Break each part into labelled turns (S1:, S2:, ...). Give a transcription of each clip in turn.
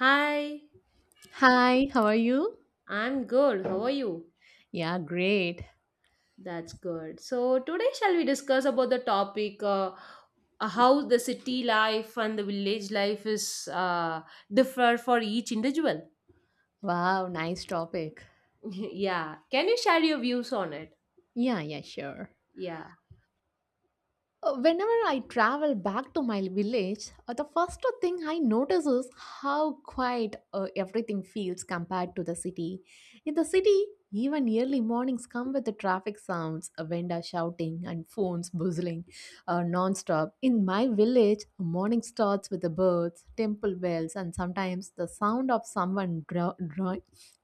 S1: Hi.
S2: Hi, how are you?
S1: I'm good. How are you?
S2: Yeah, great.
S1: That's good. So today shall we discuss about the topic how the city life and the village life is differ for each individual?
S2: Wow, nice topic.
S1: Yeah. Can you share your views on it?
S2: Yeah, yeah, sure.
S1: Yeah.
S2: Whenever I travel back to my village, the first thing I notice is how quiet everything feels compared to the city. In the city, even early mornings come with the traffic sounds, a vendor shouting, and phones buzzing non-stop. In my village, morning starts with the birds, temple bells, and sometimes the sound of someone draw, draw,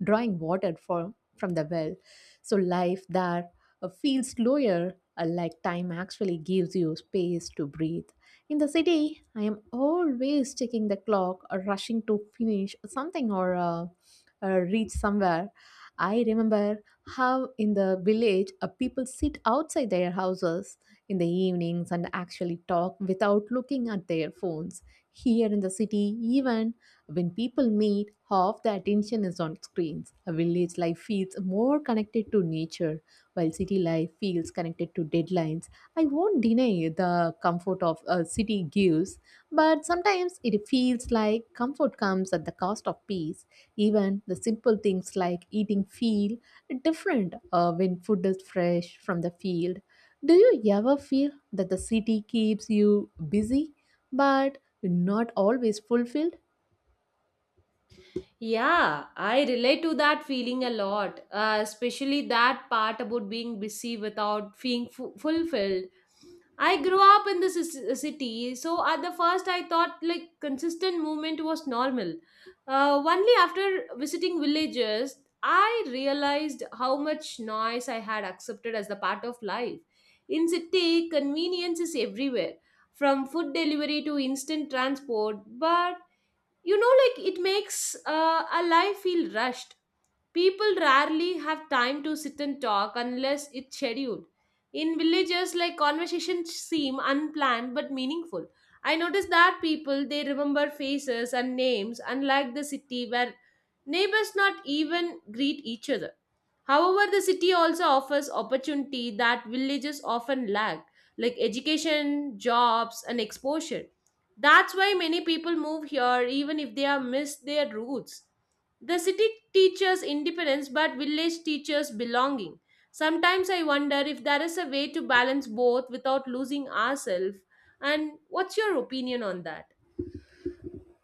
S2: drawing water from the well. So life there feel slower, like time actually gives you space to breathe. In the city, I am always checking the clock or rushing to finish something or reach somewhere. I remember how in the village people sit outside their houses in the evenings and actually talk without looking at their phones. Here in the city, even when people meet, half the attention is on screens. A village life feels more connected to nature while city life feels connected to deadlines. I won't deny the comfort of a city gives, but sometimes it feels like comfort comes at the cost of peace. Even the simple things like eating feel different when food is fresh from the field. Do you ever feel that the city keeps you busy but not always fulfilled?
S1: Yeah, I relate to that feeling a lot, especially that part about being busy without feeling fulfilled. I grew up in the city, so at the first I thought like consistent movement was normal. Only after visiting villages, I realized how much noise I had accepted as the part of life. In city, convenience is everywhere, from food delivery to instant transport, but you know like it makes a life feel rushed. People rarely have time to sit and talk unless it's scheduled. In villages, like, conversations seem unplanned but meaningful. I notice that people, they remember faces and names, unlike the city where neighbors not even greet each other. However, the city also offers opportunity that villages often lack, like education, jobs, and exposure. That's why many people move here even if they have missed their roots. The city teaches independence, but village teaches belonging. Sometimes I wonder if there is a way to balance both without losing ourselves. And what's your opinion on that?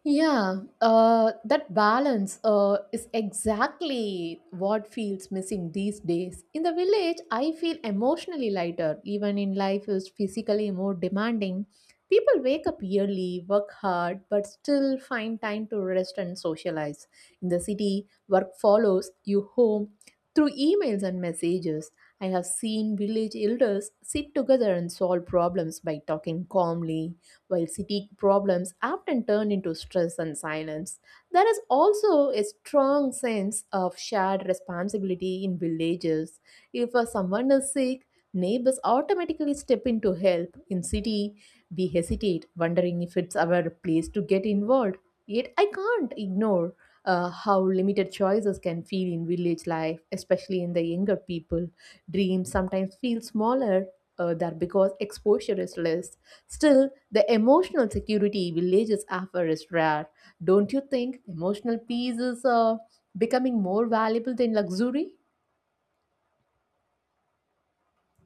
S2: Yeah, that balance is exactly what feels missing these days. In the village, I feel emotionally lighter, even in life is physically more demanding. People wake up early, work hard, but still find time to rest and socialize. In the city, work follows you home through emails and messages. I have seen village elders sit together and solve problems by talking calmly while city problems often turn into stress and silence. There is also a strong sense of shared responsibility in villages. If someone is sick, neighbors automatically step in to help. In city, we hesitate, wondering if it's our place to get involved. Yet I can't ignore how limited choices can feel in village life, especially in the younger people. Dreams sometimes feel smaller there because exposure is less. Still, the emotional security villages offer is rare. Don't you think emotional peace is becoming more valuable than luxury?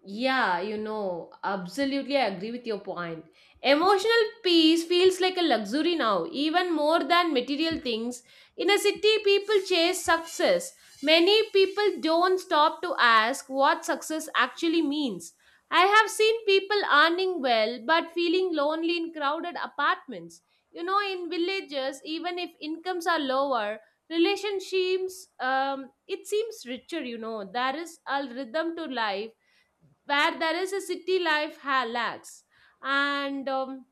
S1: Yeah, you know, absolutely I agree with your point. Emotional peace feels like a luxury now, even more than material things. In a city, people chase success. Many people don't stop to ask what success actually means. I have seen people earning well but feeling lonely in crowded apartments. You know, in villages, even if incomes are lower, relationships, it seems richer. You know, there is a rhythm to life where there is a city life lacks. And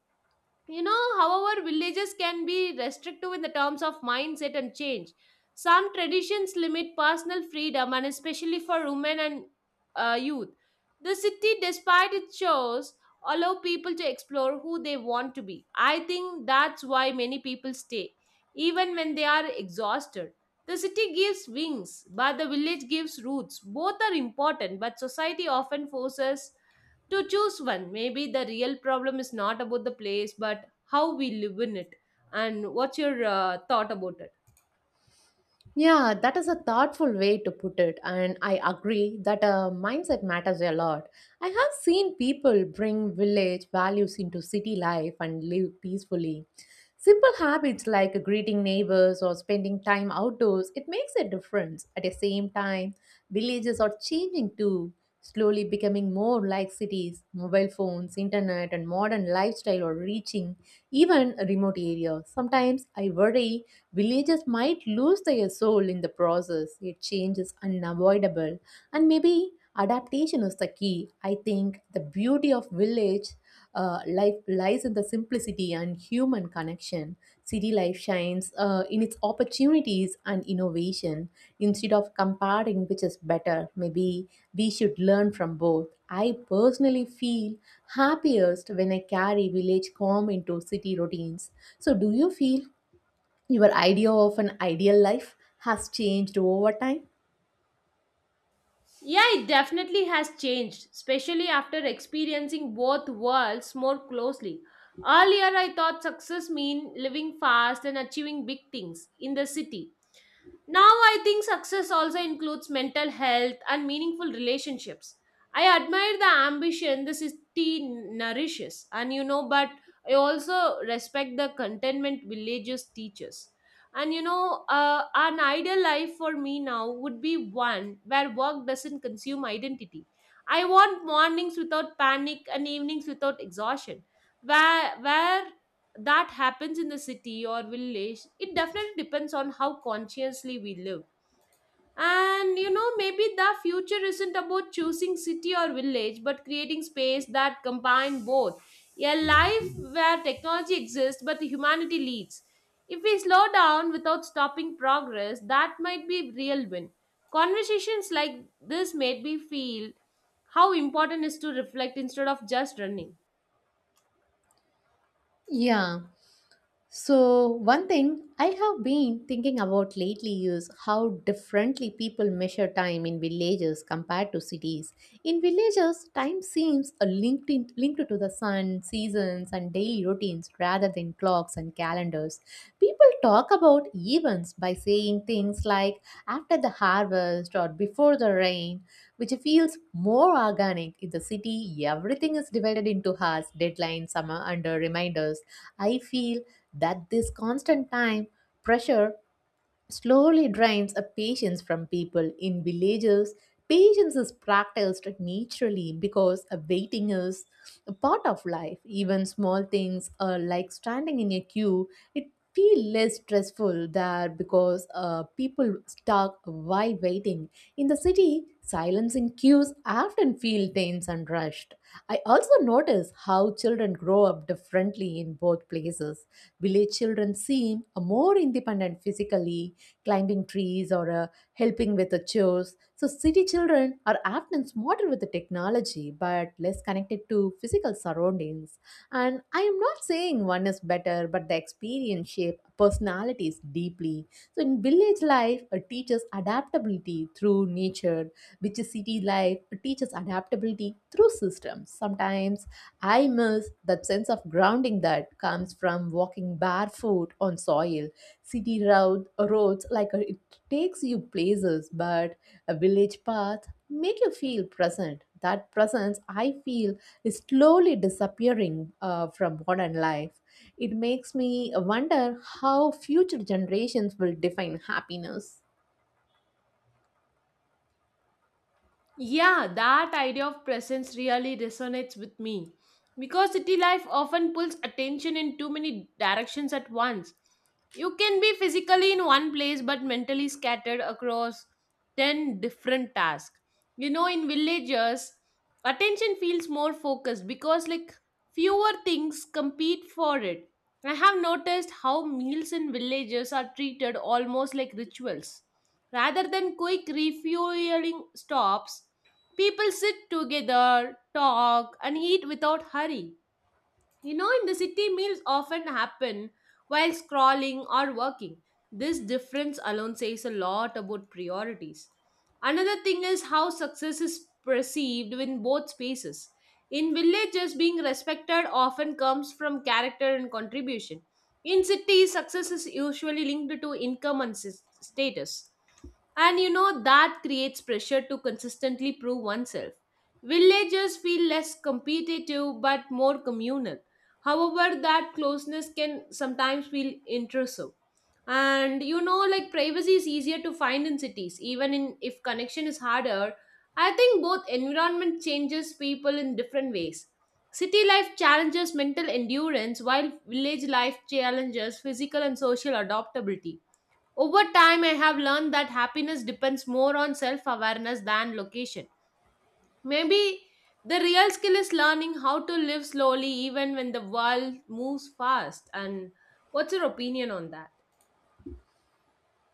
S1: You know, however, villages can be restrictive in the terms of mindset and change. Some traditions limit personal freedom, and especially for women and youth. The city, despite its shows, allow people to explore who they want to be. I think that's why many people stay, even when they are exhausted. The city gives wings, but the village gives roots. Both are important, but society often forces to choose one. Maybe the real problem is not about the place, but how we live in it. And what's your thought about it?
S2: Yeah, that is a thoughtful way to put it, and I agree that a mindset matters a lot. I have seen people bring village values into city life and live peacefully. Simple habits like greeting neighbors or spending time outdoors, it makes a difference. At the same time, villages are changing too, slowly becoming more like cities. Mobile phones, internet, and modern lifestyle are reaching even remote areas. Sometimes I worry villagers might lose their soul in the process, yet change is unavoidable. And maybe adaptation is the key. I think the beauty of village life lies in the simplicity and human connection. City life shines in its opportunities and innovation. Instead of comparing which is better, maybe we should learn from both. I personally feel happiest when I carry village calm into city routines. So, do you feel your idea of an ideal life has changed over time?
S1: Yeah, it definitely has changed, especially after experiencing both worlds more closely. Earlier I thought success meant living fast and achieving big things in the city. Now I think success also includes mental health and meaningful relationships. I admire the ambition the city nourishes, and, you know, but I also respect the contentment villages teaches. And, you know, an ideal life for me now would be one where work doesn't consume identity. I want mornings without panic and evenings without exhaustion. Where that happens, in the city or village, it definitely depends on how consciously we live. And you know, maybe the future isn't about choosing city or village, but creating space that combine both. A life where technology exists but humanity leads. If we slow down without stopping progress, that might be a real win. Conversations like this made me feel how important it is to reflect instead of just running.
S2: Yeah. So, one thing I have been thinking about lately is how differently people measure time in villages compared to cities. In villages, time seems linked to the sun, seasons, and daily routines rather than clocks and calendars. People talk about events by saying things like after the harvest or before the rain, which feels more organic. In the city, everything is divided into hours, deadlines, summer, and reminders. I feel that this constant time pressure slowly drains a patience from people. In villages, patience is practiced naturally because a waiting is a part of life. Even small things like standing in a queue it feel less stressful there, because people stuck while waiting. In the city, silence in queues often feel tense and rushed. I also notice how children grow up differently in both places. Village children seem more independent physically, climbing trees or helping with the chores. So, city children are often smarter with the technology but less connected to physical surroundings. And I am not saying one is better, but the experience shape personalities deeply. So, in village life, it teaches adaptability through nature, which is city life teaches adaptability through systems. Sometimes I miss that sense of grounding that comes from walking barefoot on soil. Roads, like it takes you places, but a village path make you feel present. That presence, I feel, is slowly disappearing from modern life. It makes me wonder how future generations will define happiness.
S1: Yeah, that idea of presence really resonates with me, because city life often pulls attention in too many directions at once. You can be physically in one place but mentally scattered across 10 different tasks. You know, in villages, attention feels more focused because, like, fewer things compete for it. I have noticed how meals in villages are treated almost like rituals. Rather than quick refueling stops, people sit together, talk, and eat without hurry. You know, in the city, meals often happen while scrolling or working. This difference alone says a lot about priorities. Another thing is how success is perceived in both spaces. In villages, being respected often comes from character and contribution. In cities, success is usually linked to income and status. And you know, that creates pressure to consistently prove oneself. Villagers feel less competitive but more communal. However, that closeness can sometimes feel intrusive. And you know, like, privacy is easier to find in cities, even in if connection is harder. I think both environment changes people in different ways. City life challenges mental endurance, while village life challenges physical and social adaptability. Over time, I have learned that happiness depends more on self awareness than location. Maybe the real skill is learning how to live slowly even when the world moves fast. And what's your opinion on that?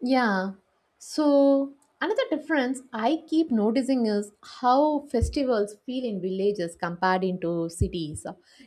S2: Yeah. So, another difference I keep noticing is how festivals feel in villages compared into cities.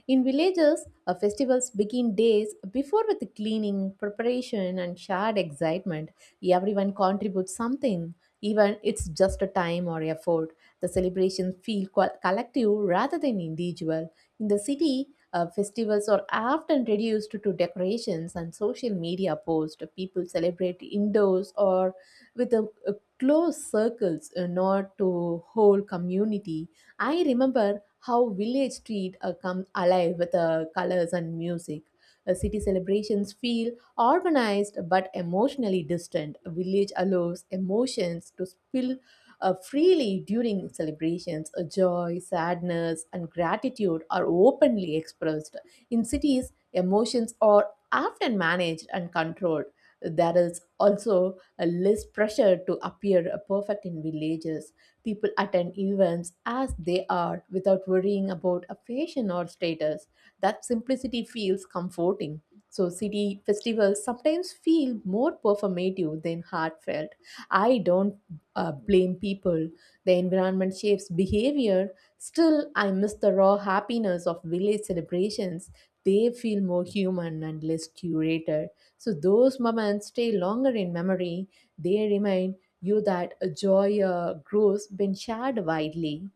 S2: In villages, festivals begin days before with cleaning, preparation, and shared excitement. Everyone contributes something, even it's just a time or effort. The celebrations feel collective rather than individual. In the city, festivals are often reduced to decorations and social media posts. People celebrate indoors or with a close circles, not to whole community. I remember how village street come alive with colors and music. City celebrations feel organized but emotionally distant. Village allows emotions to spill freely during celebrations. Joy, sadness, and gratitude are openly expressed. In cities, emotions are often managed and controlled. There is also a less pressure to appear perfect in villages. People attend events as they are without worrying about a fashion or status. That simplicity feels comforting. So, city festivals sometimes feel more performative than heartfelt. I don't blame people. The environment shapes behavior. Still, I miss the raw happiness of village celebrations. They feel more human and less curated. So, those moments stay longer in memory. They remind you that a joy grows when shared widely.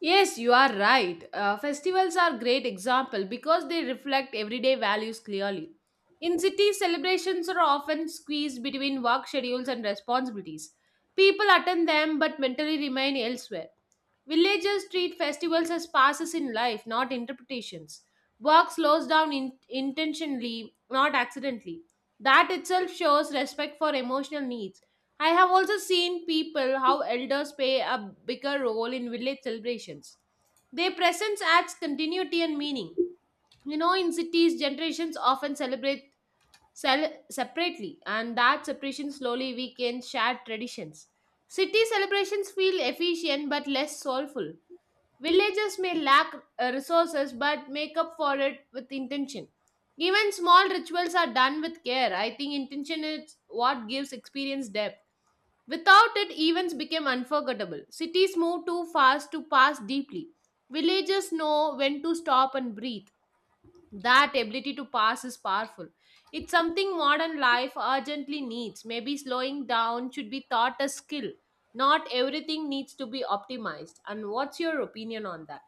S1: Yes, you are right. Festivals are great example because they reflect everyday values clearly. In cities, celebrations are often squeezed between work schedules and responsibilities. People attend them but mentally remain elsewhere. Villagers treat festivals as passes in life, not interpretations. Work slows down intentionally, not accidentally. That itself shows respect for emotional needs. I have also seen people how elders play a bigger role in village celebrations. Their presence adds continuity and meaning. You know, in cities, generations often celebrate separately, and that separation slowly weakens shared traditions. City celebrations feel efficient but less soulful. Villages may lack resources but make up for it with intention. Even small rituals are done with care. I think intention is what gives experience depth. Without it, events became unforgettable. Cities move too fast to pass deeply. Villages know when to stop and breathe. That ability to pass is powerful. It's something modern life urgently needs. Maybe slowing down should be taught a skill. Not everything needs to be optimized. And what's your opinion on that?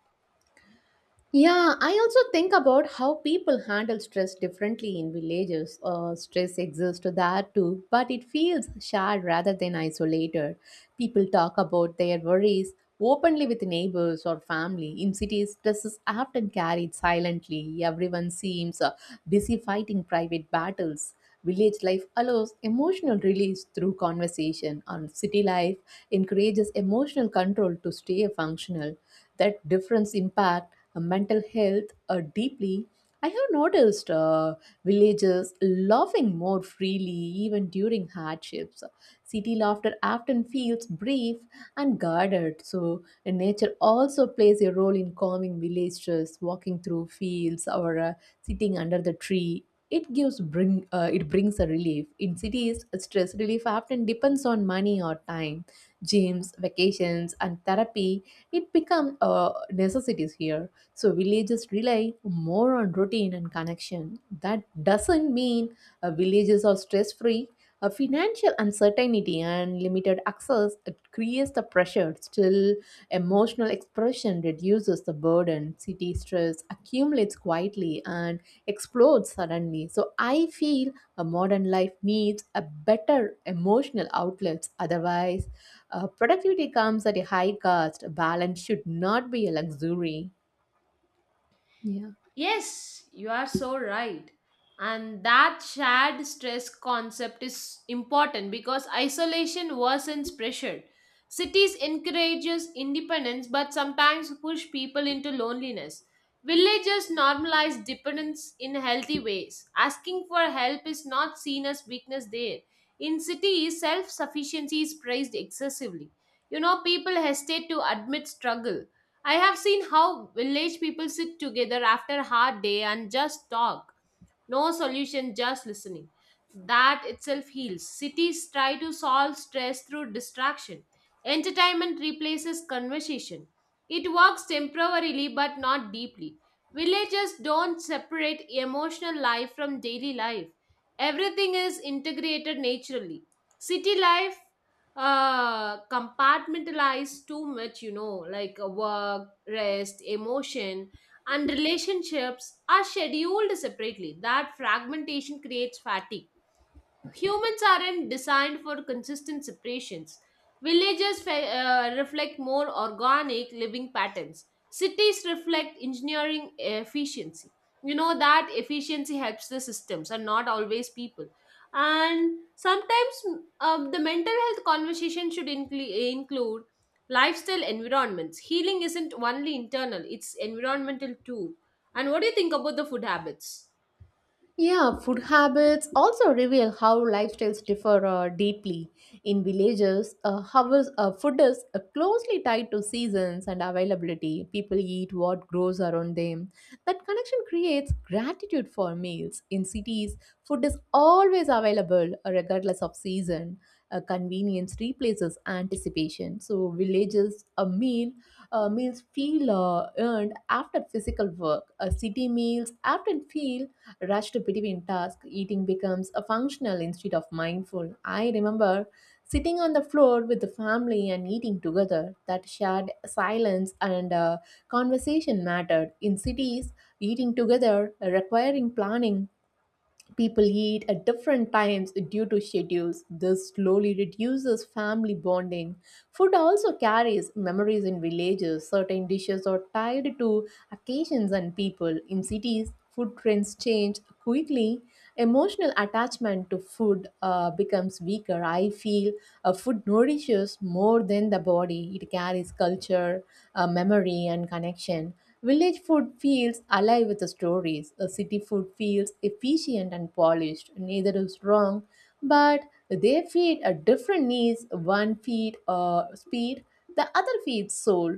S2: Yeah, I also think about how people handle stress differently in villages. Stress exists there too, but it feels shared rather than isolated. People talk about their worries openly with neighbors or family. In cities, stress is often carried silently. Everyone seems busy fighting private battles. Village life allows emotional release through conversation, and city life encourages emotional control to stay functional. That difference impact mental health deeply. I have noticed villagers laughing more freely even during hardships. City laughter often feels brief and guarded. So nature also plays a role in calming villagers. Walking through fields or sitting under the tree, it gives bring it brings a relief. In cities, stress relief often depends on money or time. Gyms, vacations, and therapy, it become necessities here. So villages rely more on routine and connection. That doesn't mean villages are stress free. A financial uncertainty and limited access, it creates the pressure. Still, emotional expression reduces the burden. City stress accumulates quietly and explodes suddenly. So I feel a modern life needs a better emotional outlets. Otherwise, productivity comes at a high cost. Balance should not be a luxury. Yeah.
S1: Yes, you are so right. And that shared stress concept is important because isolation worsens pressure. Cities encourages independence but sometimes push people into loneliness. Villages normalize dependence in healthy ways. Asking for help is not seen as weakness there. In cities, self-sufficiency is praised excessively. You know, people hesitate to admit struggle. I have seen how village people sit together after a hard day and just talk. No solution, just listening. That itself heals. Cities try to solve stress through distraction. Entertainment replaces conversation. It works temporarily but not deeply. Villages don't separate emotional life from daily life. Everything is integrated naturally. City life compartmentalized too much, you know, like, work, rest, emotion, and relationships are scheduled separately. That fragmentation creates fatigue. Humans aren't designed for consistent separations. Villages reflect more organic living patterns. Cities reflect engineering efficiency. You know, that efficiency helps the systems and not always people. And sometimes, the mental health conversation should include lifestyle environments. Healing isn't only internal, it's environmental too. And what do you think about the food habits?
S2: Yeah, food habits also reveal how lifestyles differ deeply. In villages, food is closely tied to seasons and availability. People eat what grows around them. That connection creates gratitude for meals. In cities, food is always available regardless of season. Convenience replaces anticipation. So villages, meals feel earned after physical work. City meals often feel rushed between tasks. Eating becomes a functional instead of mindful. I remember sitting on the floor with the family and eating together. That shared silence and conversation mattered. In cities, eating together requiring planning. People eat at different times due to schedules. This slowly reduces family bonding. Food also carries memories in villages. Certain dishes are tied to occasions and people. In cities, food trends change quickly. Emotional attachment to food becomes weaker. I feel food nourishes more than the body. It carries culture, memory, and connection. Village food feels alive with the stories. A city food feels efficient and polished. Neither is wrong, but they feed a different needs. One feed speed, the other feeds soul.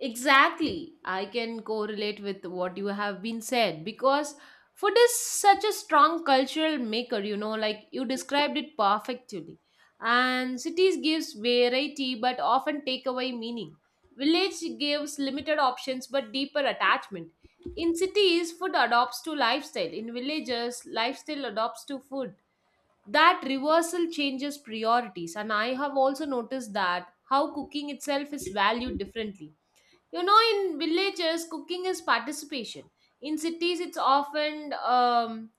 S1: Exactly. I can correlate with what you have been said, because food is such a strong cultural maker, you know, like, you described it perfectly. And cities gives variety but often take away meaning. Village gives limited options but deeper attachment. In cities, food adopts to lifestyle. In villages, lifestyle adopts to food. That reversal changes priorities. And I have also noticed that how cooking itself is valued differently. You know, in villages, cooking is participation. In cities, it's often,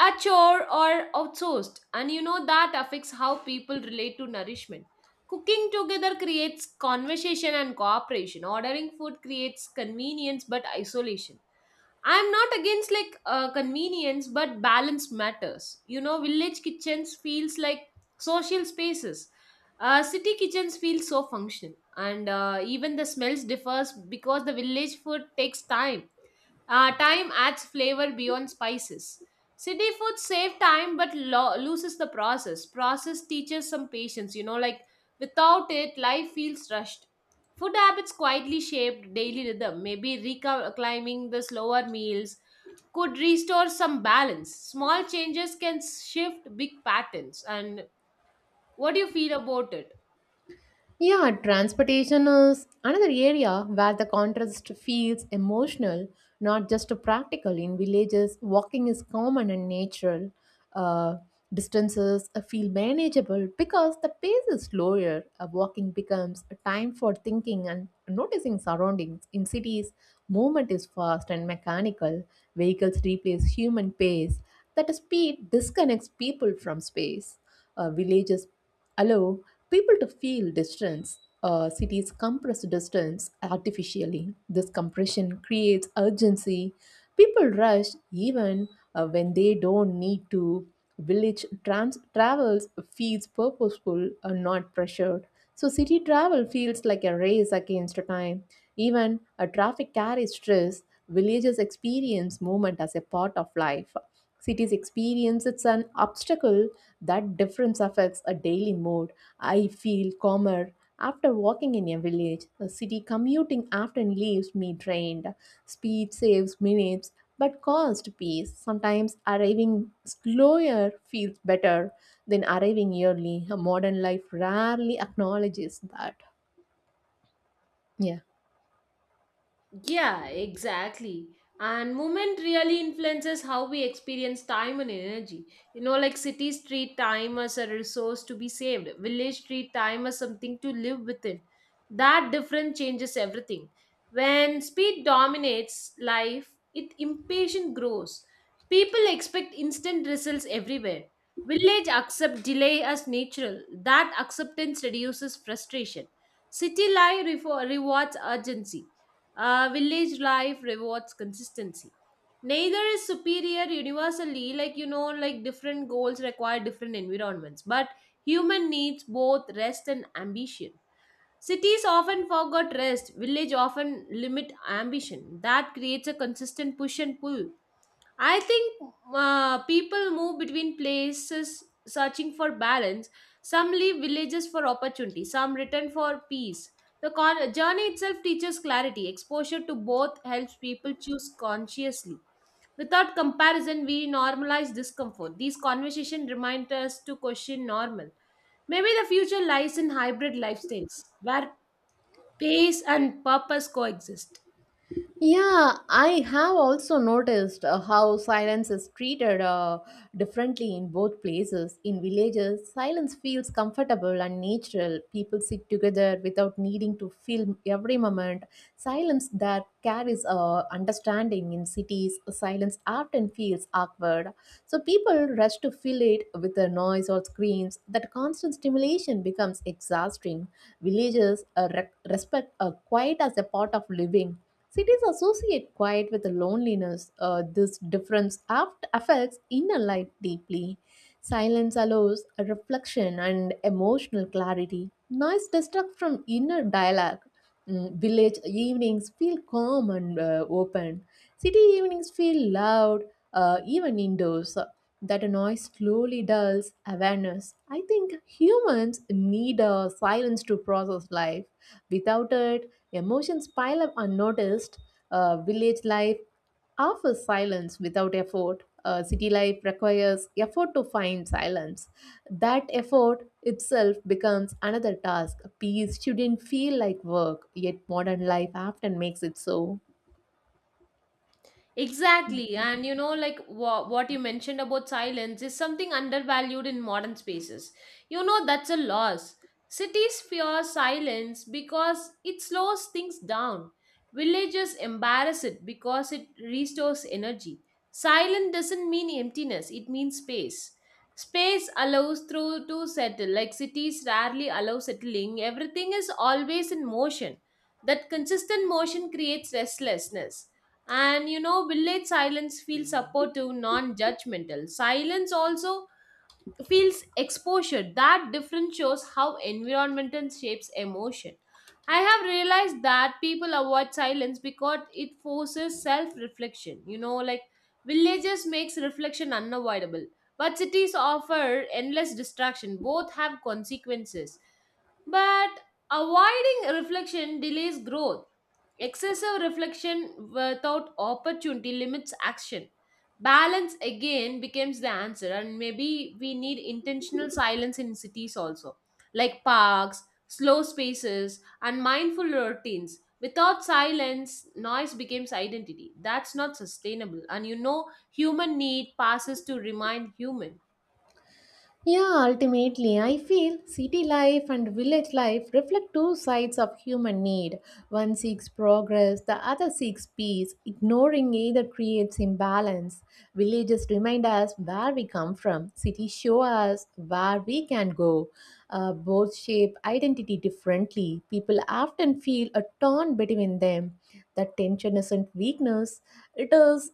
S1: a chore or outsourced. And you know, that affects how people relate to nourishment. Cooking together creates conversation and cooperation. Ordering food creates convenience but isolation. I'm not against like, convenience, but balance matters. You know, village kitchens feels like social spaces. City kitchens feel so functional, and, even the smells differs because the village food takes time. Time adds flavor beyond spices. City food save time but loses the process. Process teaches some patience, you know, like, without it, life feels rushed. Food habits quietly shaped daily rhythm. Maybe reclimbing the slower meals could restore some balance. Small changes can shift big patterns. And what do you feel about it?
S2: Yeah, transportation is another area where the contrast feels emotional, not just practical. In villages, walking is common and natural. Uh, Distances feel manageable because the pace is slower. Walking becomes a time for thinking and noticing surroundings. In cities, movement is fast and mechanical. Vehicles replace human pace. That speed disconnects people from space. Villages allow people to feel distance. Cities compress distance artificially. This compression creates urgency. People rush even when they don't need to. Travels feels purposeful and not pressured. So city travel feels like a race against time. Even a traffic carries stress. Villages experience movement as a part of life. Cities experience it's an obstacle. That difference affects a daily mood. I feel calmer after walking in a village. A city commuting often leaves me drained. Speed saves minutes but cost peace. Sometimes arriving slower feels better than arriving early. A modern life rarely acknowledges that. Yeah.
S1: Yeah, exactly. And movement really influences how we experience time and energy. You know, like, cities treat time as a resource to be saved, village treat time as something to live within. That difference changes everything. When speed dominates life, it impatient grows. People expect instant results everywhere. Village accept delay as natural. That acceptance reduces frustration. City life rewards urgency, village life rewards consistency. Neither is superior universally, like, you know, like, different goals require different environments, but human needs both rest and ambition. Cities often forget rest, village often limit ambition. That creates a consistent push and pull. I think people move between places searching for balance. Some leave villages for opportunity, some return for peace. The journey itself teaches clarity. Exposure to both helps people choose consciously. Without comparison, we normalize discomfort. These conversations remind us to question normal. Maybe the future lies in hybrid lifestyles where pace and purpose coexist.
S2: Yeah, I have also noticed how silence is treated differently in both places. In villages, silence feels comfortable and natural. People sit together without needing to film every moment. Silence that carries understanding in cities, silence often feels awkward. So people rush to fill it with a noise or screams. That constant stimulation becomes exhausting. Villages respect quiet as a part of living. Cities associate quiet with loneliness. This difference affects inner life deeply. Silence allows a reflection and emotional clarity. Noise distracts from inner dialogue. Village evenings feel calm and open. City evenings feel loud, even indoors. That noise slowly dulls awareness. I think humans need a silence to process life. Without it, emotions pile up unnoticed. Village life offers silence without effort. City life requires effort to find silence. That effort itself becomes another task. Peace shouldn't feel like work, yet modern life often makes it so.
S1: Exactly. And, you know, like, what you mentioned about silence is something undervalued in modern spaces. You know, that's a loss. Cities fear silence because it slows things down. Villages embarrass it because it restores energy. Silence doesn't mean emptiness, it means space. Space allows through to settle. Like, cities rarely allow settling. Everything is always in motion. That consistent motion creates restlessness. And you know, village silence feels supportive, non judgmental. Silence also feels exposure. That difference shows how environmental shapes emotion. I have realized that people avoid silence because it forces self reflection. You know, like, villages makes reflection unavoidable, but cities offer endless distraction. Both have consequences. But avoiding reflection delays growth. Excessive reflection without opportunity limits action. Balance again becomes the answer, and maybe we need intentional silence in cities also, like parks, slow spaces, and mindful routines. Without silence, noise becomes identity. That's not sustainable. And you know, human need passes to remind human.
S2: Yeah, ultimately, I feel city life and village life reflect two sides of human need. One seeks progress, the other seeks peace. Ignoring either creates imbalance. Villages remind us where we come from, cities show us where we can go. Both shape identity differently. People often feel a torn between them. That tension isn't weakness, it is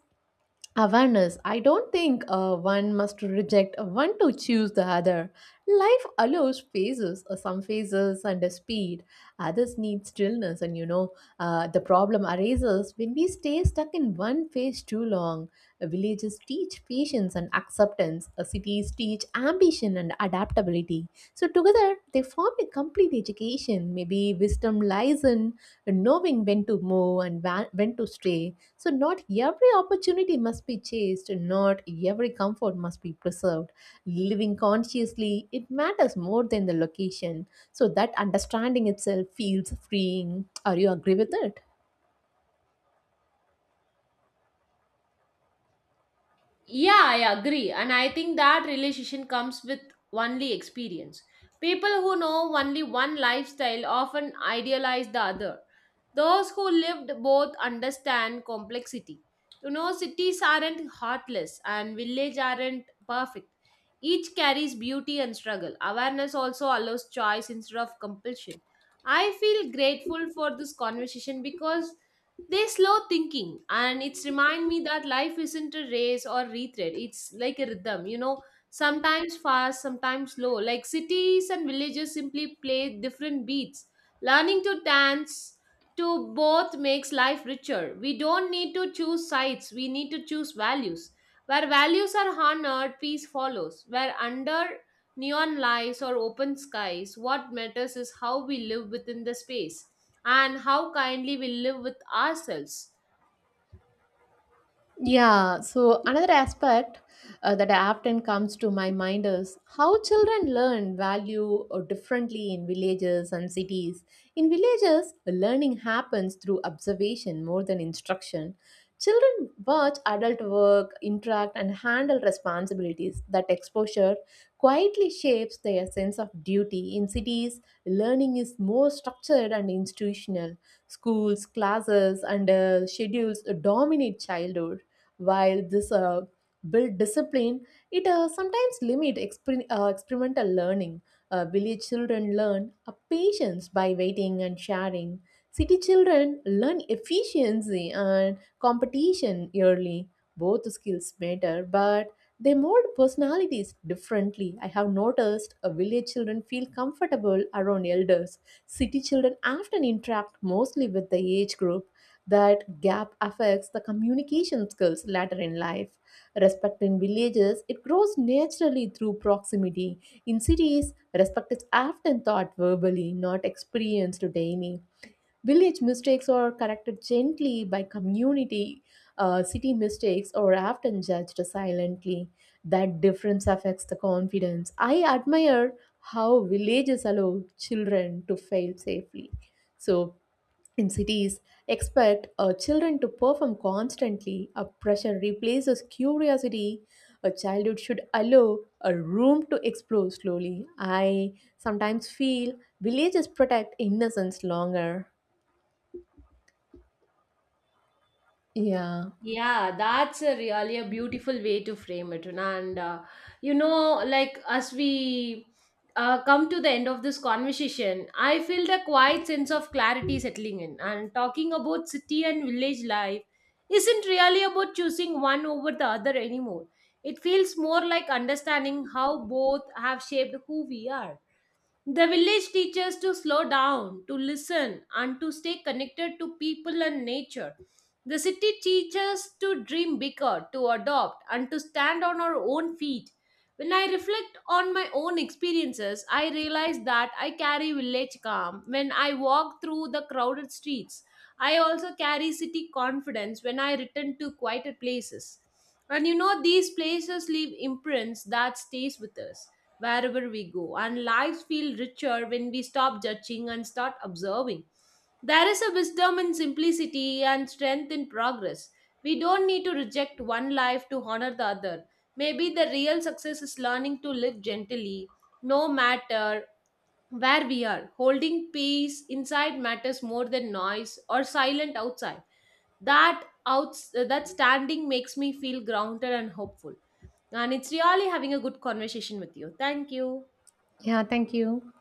S2: awareness. I don't think one must reject one to choose the other. Life allows phases. Some phases under speed, others need stillness. And you know, the problem arises when we stay stuck in one phase too long. Villages teach patience and acceptance. Cities teach ambition and adaptability. So together they form a complete education. Maybe wisdom lies in knowing when to move and when to stray. So, not every opportunity must be chased, not every comfort must be preserved. Living consciously, it matters more than the location. So, that understanding itself feels freeing. Are you agree with it?
S1: Yeah, I agree. And I think that realization comes with only experience. People who know only one lifestyle often idealize the other. Those who lived both understand complexity. You know, cities aren't heartless and village aren't perfect. Each carries beauty and struggle. Awareness also allows choice instead of compulsion. I feel grateful for this conversation, because they slow thinking and it's remind me that life isn't a race or retread, it's like a rhythm, you know, sometimes fast, sometimes slow, like cities and villages simply play different beats. Learning to dance to both makes life richer. We don't need to choose sides, we need to choose values. Where values are honored, peace follows. Where under neon lights or open skies, what matters is how we live within the space, and how kindly we live with ourselves.
S2: Yeah, so another aspect that often comes to my mind is how children learn value differently in villages and cities. In villages, learning happens through observation more than instruction. Children watch adult work, interact, and handle responsibilities. That exposure quietly shapes their sense of duty. In cities, learning is more structured and institutional. Schools, classes, and schedules dominate childhood. While this build discipline, it sometimes limit experimental learning. Village children learn a patience by waiting and sharing. City children learn efficiency and competition early. Both skills matter, but they mold personalities differently. I have noticed village children feel comfortable around elders. City children often interact mostly with the age group. That gap affects the communication skills later in life. Respect in villages, it grows naturally through proximity. In cities, respect is often taught verbally, not experienced daily. Village mistakes are corrected gently by community. City mistakes are often judged silently. That difference affects the confidence. I admire how villages allow children to fail safely. So in cities, expect children to perform constantly. A pressure replaces curiosity. A childhood should allow a room to explore slowly. I sometimes feel villages protect innocence longer. Yeah.
S1: Yeah, that's a really a beautiful way to frame it. And, you know, like, as we, come to the end of this conversation, I feel the quiet sense of clarity settling in. And talking about city and village life isn't really about choosing one over the other anymore. It feels more like understanding how both have shaped who we are. The village teaches to slow down, to listen, and to stay connected to people and nature. The city teaches to dream bigger, to adopt, and to stand on our own feet. When I reflect on my own experiences, I realize that I carry village calm when I walk through the crowded streets. I also carry city confidence when I return to quieter places. And you know, these places leave imprints that stays with us wherever we go, and lives feel richer when we stop judging and start observing. There is a wisdom in simplicity and strength in progress. We don't need to reject one life to honor the other. Maybe the real success is learning to live gently, no matter where we are. Holding peace inside matters more than noise or silent outside. That out that standing makes me feel grounded and hopeful. And it's really having a good conversation with you. Thank you.
S2: Yeah, thank you.